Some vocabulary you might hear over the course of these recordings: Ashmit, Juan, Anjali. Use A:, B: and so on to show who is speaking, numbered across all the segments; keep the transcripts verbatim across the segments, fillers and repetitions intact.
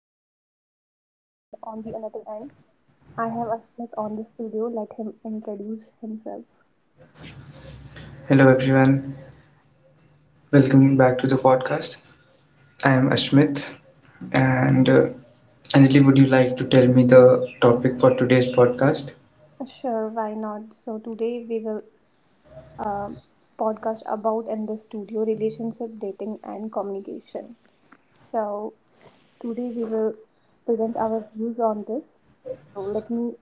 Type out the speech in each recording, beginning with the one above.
A: Anjali's studio, and on the another end, I have Ashmit on the studio. Let him introduce himself.
B: Hello everyone, welcome back to the podcast. I am Ashmit, and uh, Anjali, would you like to tell me the topic for today's podcast?
A: Sure, why not? So today we will uh, podcast about in the studio relationship, dating, and communication. So today we will present our views on this. So let me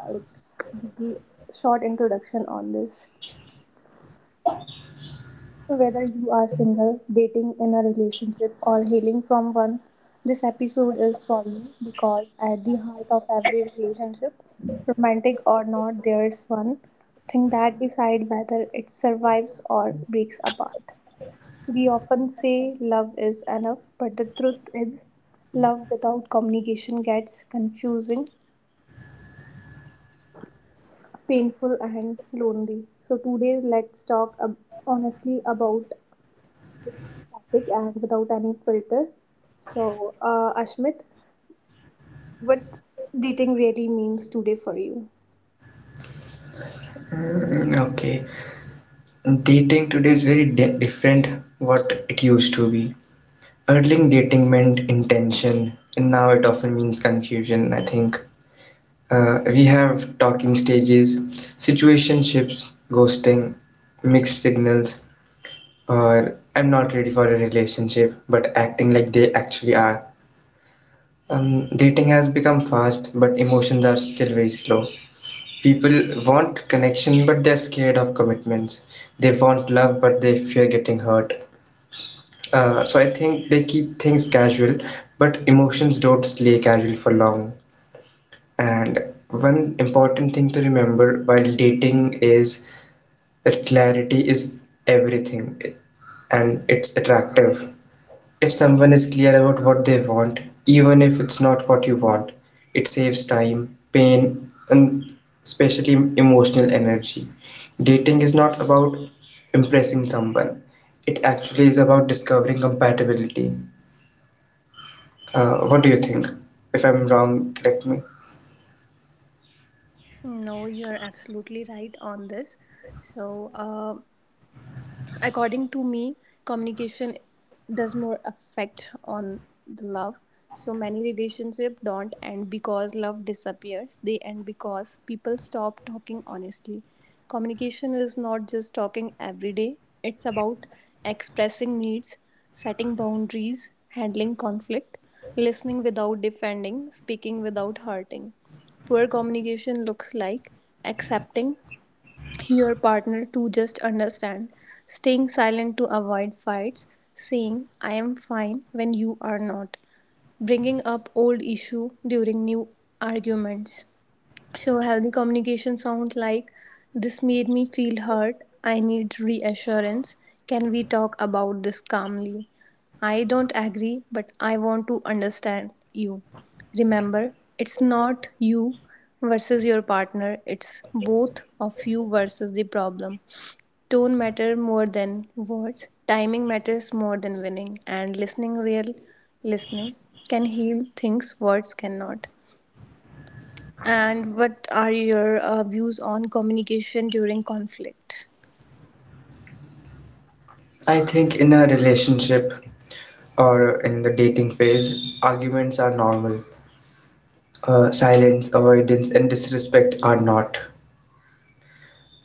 A: uh, like give the short introduction on this. So whether you are single, dating in a relationship, or healing from one, this episode is for you because at the heart of every relationship, romantic or not, there's one thing that decides whether it survives or breaks apart. We often say love is enough, but the truth is, love without communication gets confusing, painful, and lonely. So, today, let's talk ab- honestly about topic and without any filter. So, uh, Ashmit, what dating really means today for you?
B: Mm, okay, dating today is very di- different what it used to be. Early dating meant intention, and now it often means confusion. I think uh, we have talking stages, situationships, ghosting, mixed signals, or I'm not ready for a relationship, but acting like they actually are. Um, dating has become fast, but emotions are still very slow. People want connection, but they're scared of commitments. They want love, but they fear getting hurt. Uh, so I think they keep things casual, but emotions don't stay casual for long. And one important thing to remember while dating is that clarity is everything, and it's attractive. If someone is clear about what they want, even if it's not what you want, it saves time, pain, and especially emotional energy. Dating is not about impressing someone, it actually is about discovering compatibility. Uh, what do you think? If I'm wrong, correct me.
A: No, you're absolutely right on this. So, uh, according to me, communication does more affect on the love. So many relationship don't end because love disappears, they end because people stop talking honestly. Communication is not just talking every day, it's about expressing needs, setting boundaries, handling conflict, listening without defending, speaking without hurting. Poor communication looks like accepting your partner to just understand, staying silent to avoid fights, saying I am fine when you are not, bringing up old issue during new arguments. So, healthy communication sounds like this made me feel hurt. I need reassurance. Can we talk about this calmly? I don't agree, but I want to understand you. Remember, it's not you versus your partner, it's both of you versus the problem. Tone matter more than words, timing matters more than winning, and listening real listening can heal things words cannot. And what are your uh, views on communication during conflict?
B: I think in a relationship or in the dating phase, arguments are normal. Uh, silence, avoidance, and disrespect are not.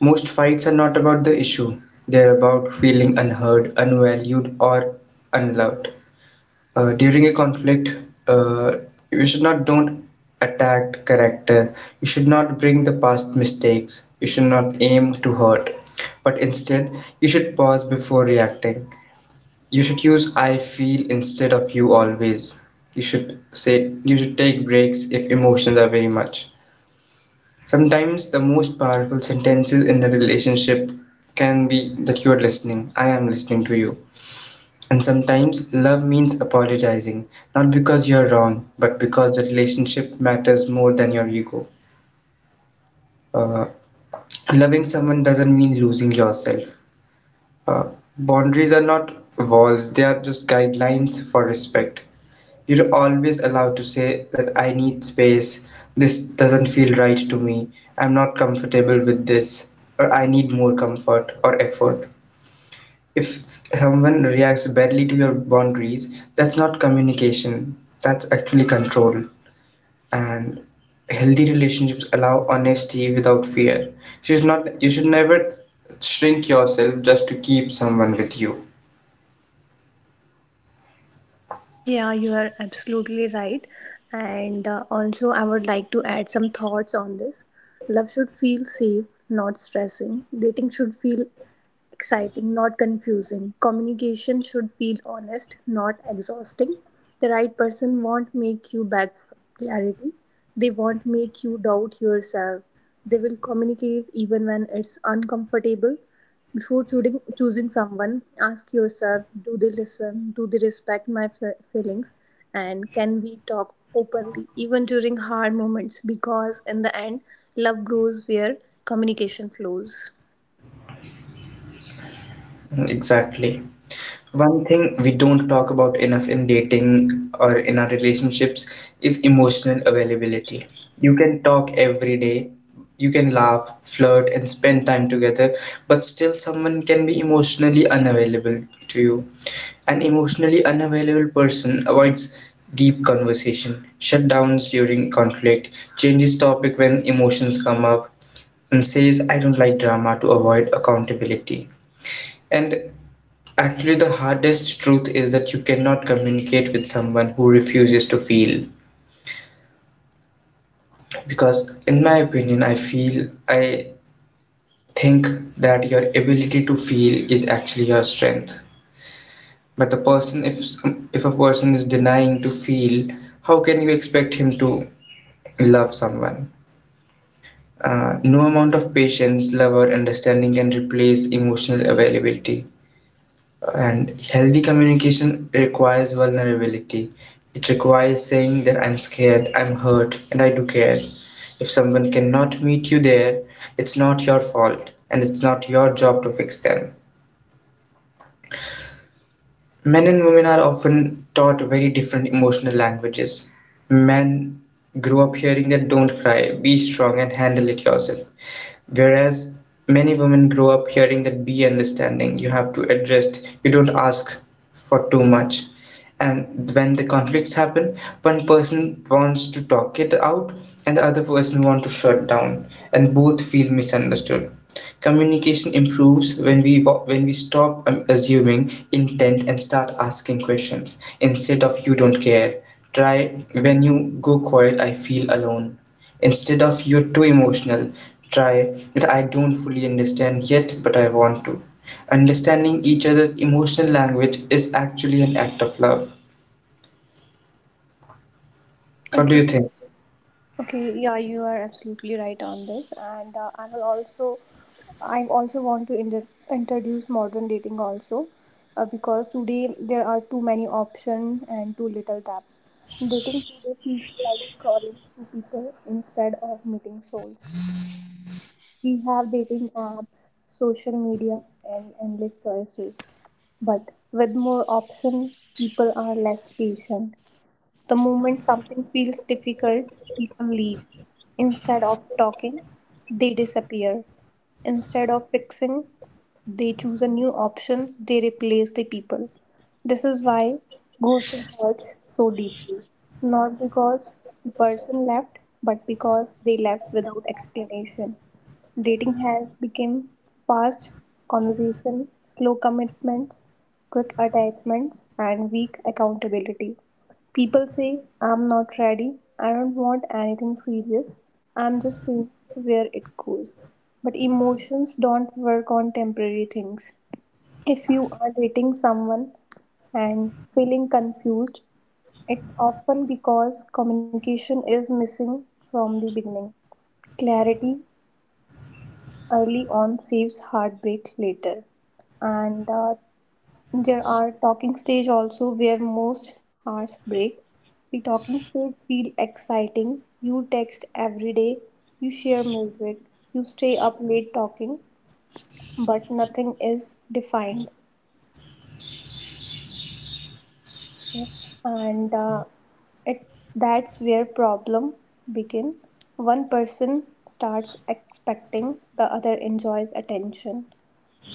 B: Most fights are not about the issue, they're about feeling unheard, unvalued, or unloved. Uh, during a conflict, uh, you should not don't attack character. You should not bring the past mistakes. You should not aim to hurt. But instead, you should pause before reacting. You should use I feel instead of you always. You should say you should take breaks if emotions are very much. Sometimes the most powerful sentences in a relationship can be that you're listening, I am listening to you. And sometimes love means apologizing, not because you're wrong, but because the relationship matters more than your ego. Uh, Loving someone doesn't mean losing yourself. Uh, Boundaries are not walls, they are just guidelines for respect. You're always allowed to say that I need space, this doesn't feel right to me, I'm not comfortable with this, or I need more comfort or effort. If s- someone reacts badly to your boundaries, that's not communication, that's actually control. And healthy relationships allow honesty without fear. You should not you should never shrink yourself just to keep someone with you.
A: Yeah, you are absolutely right. And uh, also, I would like to add some thoughts on this. Love should feel safe, not stressing. Dating should feel exciting, not confusing. Communication should feel honest, not exhausting. The right person won't make you beg for clarity. They won't make you doubt yourself. They will communicate even when it's uncomfortable. Before choosing, choosing someone, ask yourself, do they listen? Do they respect my fe- feelings? And can we talk openly even during hard moments? Because in the end, love grows where communication flows.
B: Exactly. One thing we don't talk about enough in dating or in our relationships is emotional availability. You can talk every day, you can laugh, flirt, and spend time together, but still someone can be emotionally unavailable to you. An emotionally unavailable person avoids deep conversation, shutdowns during conflict, changes topic when emotions come up, and says, I don't like drama to avoid accountability. And actually, the hardest truth is that you cannot communicate with someone who refuses to feel. Because, in my opinion, I feel, I think that your ability to feel is actually your strength. But the person, if some, if a person is denying to feel, how can you expect him to love someone? Uh, no amount of patience, love, or understanding can replace emotional availability. And healthy communication requires vulnerability. It requires saying that I'm scared, I'm hurt, and I do care. If someone cannot meet you there, it's not your fault, and it's not your job to fix them. Men and women are often taught very different emotional languages. Men grow up hearing that don't cry, be strong, and handle it yourself. Whereas many women grow up hearing that be understanding, you have to adjust, you don't ask for too much. And when the conflicts happen, one person wants to talk it out and the other person wants to shut down, and both feel misunderstood. Communication improves when we wa- when we stop um, assuming intent and start asking questions instead of you don't care. Try when you go quiet, I feel alone. Instead of "You're too emotional", try that. "I don't fully understand yet but I want to". Understanding each other's emotional language is actually an act of love. What do
A: Okay.
B: you think?
A: Okay, yeah, you are absolutely right on this, and uh, I will also, I also want to inter- introduce modern dating also, uh, because today there are too many options and too little depth. Dating today feels like scrolling through people instead of meeting souls. We have dating apps, social media, and endless choices, but with more options, people are less patient. The moment something feels difficult, people leave. Instead of talking, they disappear. Instead of fixing, they choose a new option, they replace the people. This is why ghosting hurts so deeply. Not because the person left, but because they left without explanation. Dating has become fast conversation, slow commitments, quick attachments, and weak accountability. People say, I'm not ready, I don't want anything serious, I'm just seeing where it goes. But emotions don't work on temporary things. If you are dating someone and feeling confused, it's often because communication is missing from the beginning. Clarity early on saves heartbreak later. And uh, there are talking stage also where most hearts break. The talking stage feel exciting. You text every day, you share music, you stay up late talking, but nothing is defined. Okay? And uh, it that's where problem begin. One person starts expecting, the other enjoys attention.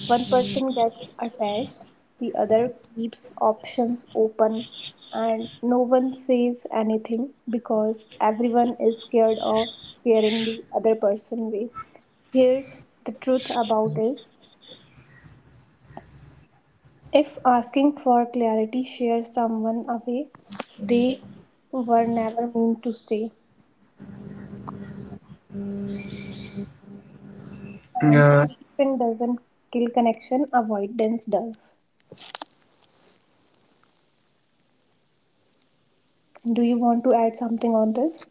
A: One person gets attached, the other keeps options open, and no one says anything because everyone is scared of scaring the other person away. Here's the truth about is, if asking for clarity shares someone away, they were never meant to stay. And
B: Yeah,
A: connection doesn't kill connection, avoidance does. Do you want to add something on this?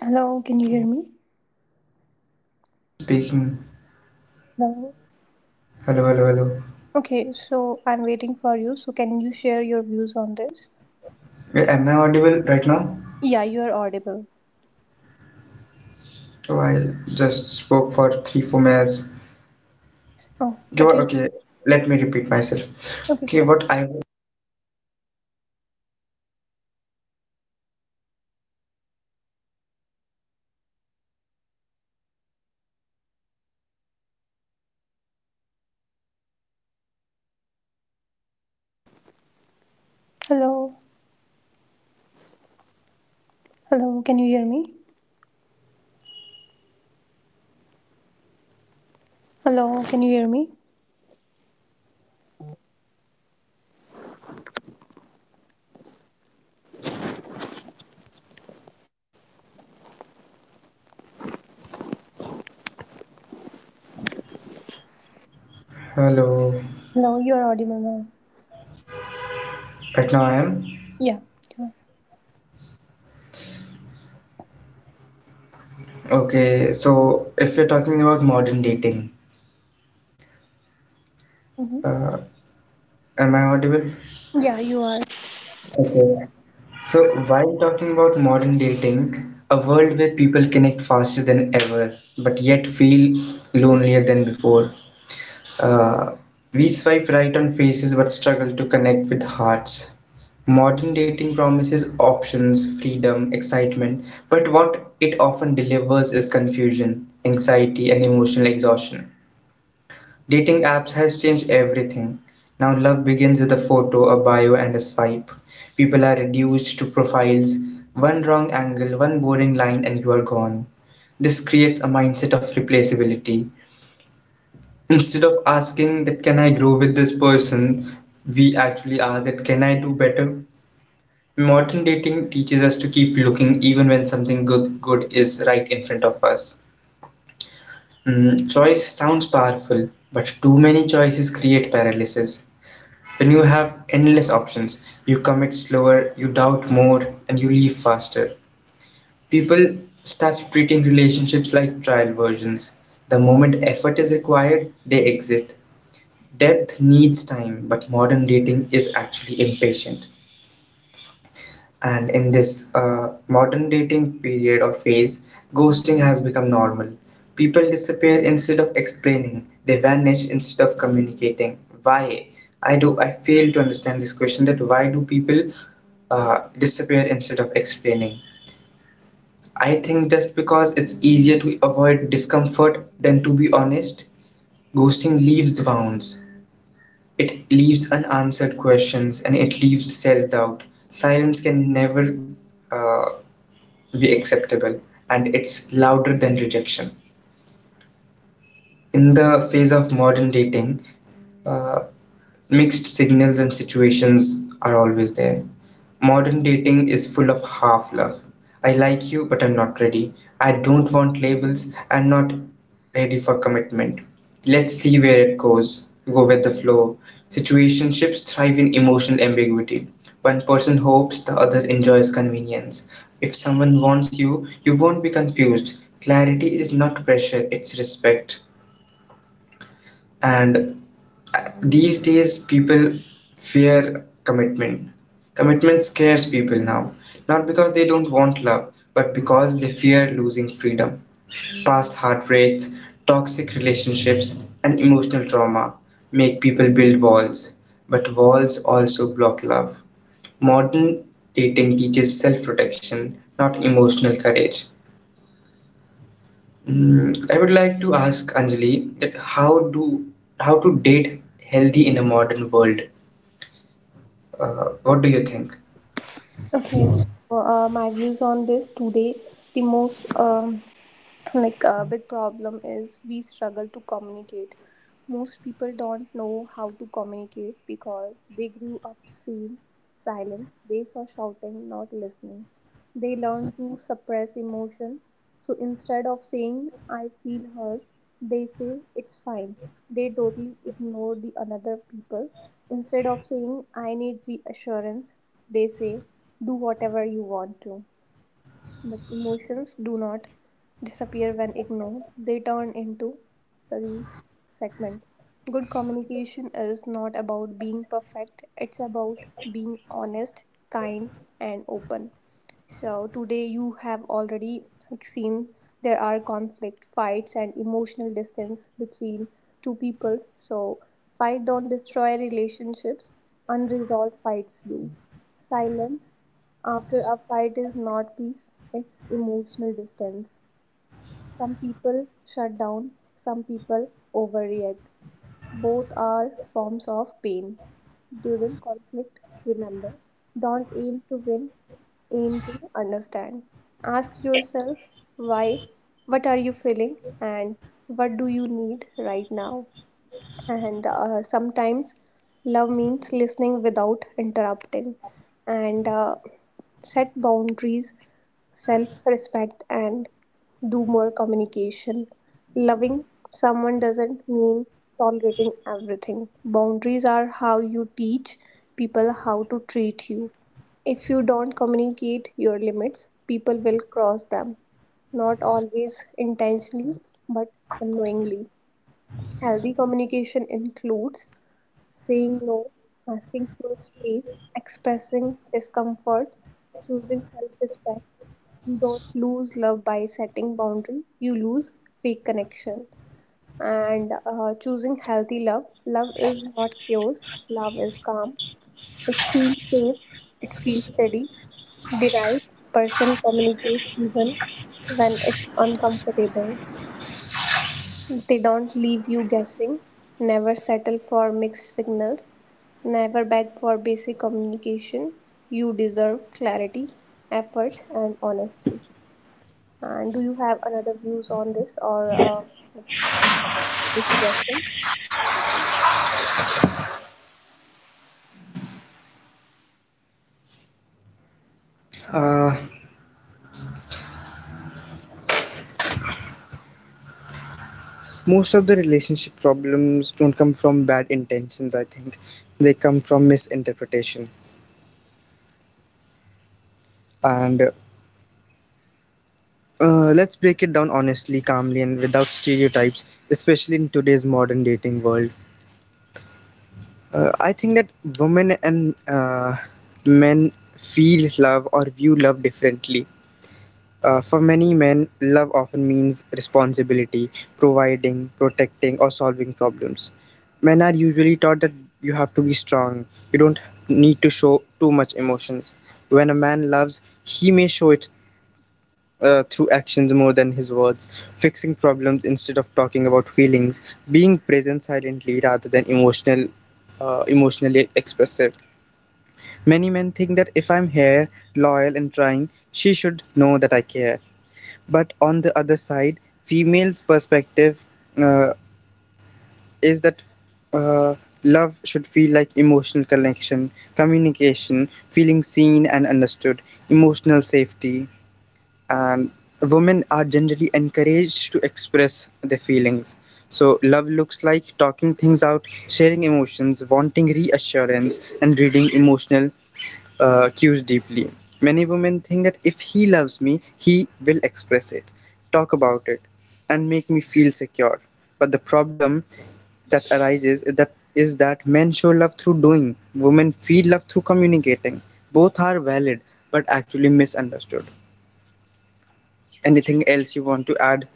A: Hello, can you hear me?
B: speaking.
A: Hello.
B: Hello, hello, hello.
A: Okay, so I'm waiting for you. So can you share your views on this?
B: Yeah, am I audible right now?
A: Yeah, you are audible.
B: So I just spoke for three, four minutes.
A: Oh,
B: Okay,
A: but
B: what-
A: you.
B: okay, let me repeat myself.
A: Okay,
B: Okay,
A: sure.
B: what I.
A: Hello. Hello, can you hear me? Hello, can you hear me?
B: Hello,
A: Hello, you are audible now.
B: right now I am.
A: Yeah, you are.
B: Okay, so if you're talking about modern dating,
A: Mm-hmm.
B: uh, am I audible?
A: Yeah, you are.
B: Okay. So while talking about modern dating, a world where people connect faster than ever, but yet feel lonelier than before. Uh, we swipe right on faces but struggle to connect with hearts. Modern dating promises options, freedom, excitement, but what it often delivers is confusion, anxiety, and emotional exhaustion. Dating apps has changed everything. Now love begins with a photo, a bio, and a swipe. People are reduced to profiles, one wrong angle, one boring line, and you are gone. This creates a mindset of replaceability. Instead of asking that can I grow with this person, we actually ask that can I do better? Modern dating teaches us to keep looking even when something good good is right in front of us. Mm, choice sounds powerful, but too many choices create paralysis. When you have endless options, you commit slower, you doubt more, and you leave faster. People start treating relationships like trial versions. The moment effort is required, they exit. Depth needs time, but modern dating is actually impatient. And in this uh, modern dating period or phase, ghosting has become normal. People disappear instead of explaining, they vanish instead of communicating. Why? I do I fail to understand this question that why do people uh, disappear instead of explaining? I think just because it's easier to avoid discomfort than to be honest. Ghosting leaves wounds. It leaves unanswered questions and it leaves self-doubt. Silence can never uh, be acceptable and it's louder than rejection. In the phase of modern dating, uh, mixed signals and situations are always there. Modern dating is full of half love. I like you, but I'm not ready. I don't want labels. I'm not ready for commitment. Let's see where it goes. Go with the flow. Situationships thrive in emotional ambiguity. One person hopes, the other enjoys convenience. If someone wants you, you won't be confused. Clarity is not pressure, it's respect. And these days people fear commitment. Commitment scares people now, not because they don't want love but because they fear losing freedom, past heartbreaks, toxic relationships and emotional trauma make people build walls, but walls also block love. Modern dating teaches self-protection, not emotional courage. Mm, I would like to ask Anjali that how do how to date healthy in a modern world. Uh, what do you think?
A: Okay, so uh, my views on this today, the most um, like a big problem is we struggle to communicate. Most people don't know how to communicate because they grew up seeing silence, they saw shouting, not listening. They learn to suppress emotion, so instead of saying I feel hurt, they say it's fine. They totally ignore the another people. Instead of saying I need reassurance, they say do whatever you want to. But emotions do not disappear when ignored, they turn into resentment. Good communication is not about being perfect, it's about being honest, kind, and open. So today you have already like, seen there are conflict, fights, and emotional distance between two people. So fight don't destroy relationships. Unresolved fights do. Silence after a fight is not peace. It's emotional distance. Some people shut down. Some people overreact. Both are forms of pain. During conflict, remember, don't aim to win, aim to understand. Ask yourself why, what are you feeling, and what do you need right now. And uh, sometimes love means listening without interrupting, and uh, set boundaries, self respect, and do more communication. Loving someone doesn't mean tolerating everything. Boundaries are how you teach people how to treat you. If you don't communicate your limits, people will cross them, not always intentionally, but unknowingly. Healthy communication includes saying no, asking for space, expressing discomfort, choosing self respect. You don't lose love by setting boundary, you lose fake connection. And uh, choosing healthy love. Love is not chaos, love is calm. It feels safe, it feels steady. The right person communicate even when it's uncomfortable. They don't leave you guessing, never settle for mixed signals, never beg for basic communication. You deserve clarity, efforts, and honesty. And do you have another views on this or uh, the suggestions?
B: Uh, Most of the relationship problems don't come from bad intentions, I think. They come from misinterpretation. And uh, let's break it down honestly, calmly, and without stereotypes, especially in today's modern dating world. Uh, I think that women and uh, men feel love or view love differently. Uh, for many men, love often means responsibility, providing, protecting, or solving problems. Men are usually taught that you have to be strong, you don't need to show too much emotions. When a man loves, he may show it uh, through actions more than his words, fixing problems instead of talking about feelings, being present silently rather than emotional, uh, emotionally expressive. Many men think that if I'm here, loyal, and trying, she should know that I care, but on the other side, female's perspective uh, is that uh, love should feel like emotional connection, communication, feeling seen and understood, emotional safety, and women are generally encouraged to express their feelings, so love looks like talking things out, sharing emotions, wanting reassurance and reading emotional uh, cues deeply. Many women think that if he loves me, he will express it, talk about it, and make me feel secure. But the problem that arises is that is that men show love through doing, women feel love through communicating. Both are valid but actually misunderstood. Anything else you want to add?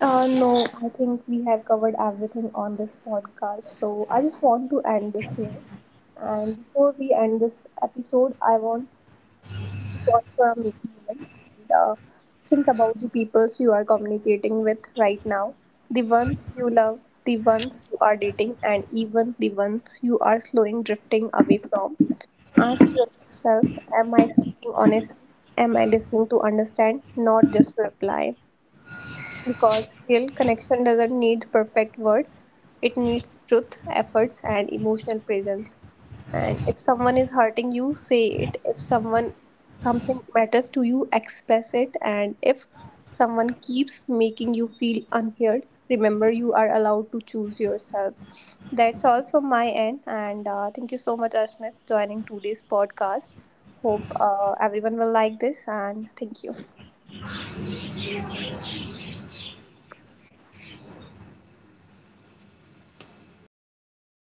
A: Uh, no, I think we have covered everything on this podcast. So I just want to end this here. And before we end this episode, I want pause for a mi- moment and uh, think about the peoples you are communicating with right now, the ones you love, the ones you are dating, and even the ones you are slowing drifting away from. Ask yourself, am I speaking honestly? Am I listening to understand, not just to reply? Because real connection doesn't need perfect words. It needs truth, efforts, and emotional presence. And if someone is hurting you, say it. If someone something matters to you, express it. And if someone keeps making you feel unheard, remember you are allowed to choose yourself. That's all from my end. And uh, thank you so much, Ashmit, joining today's podcast. Hope uh, everyone will like this. And thank you.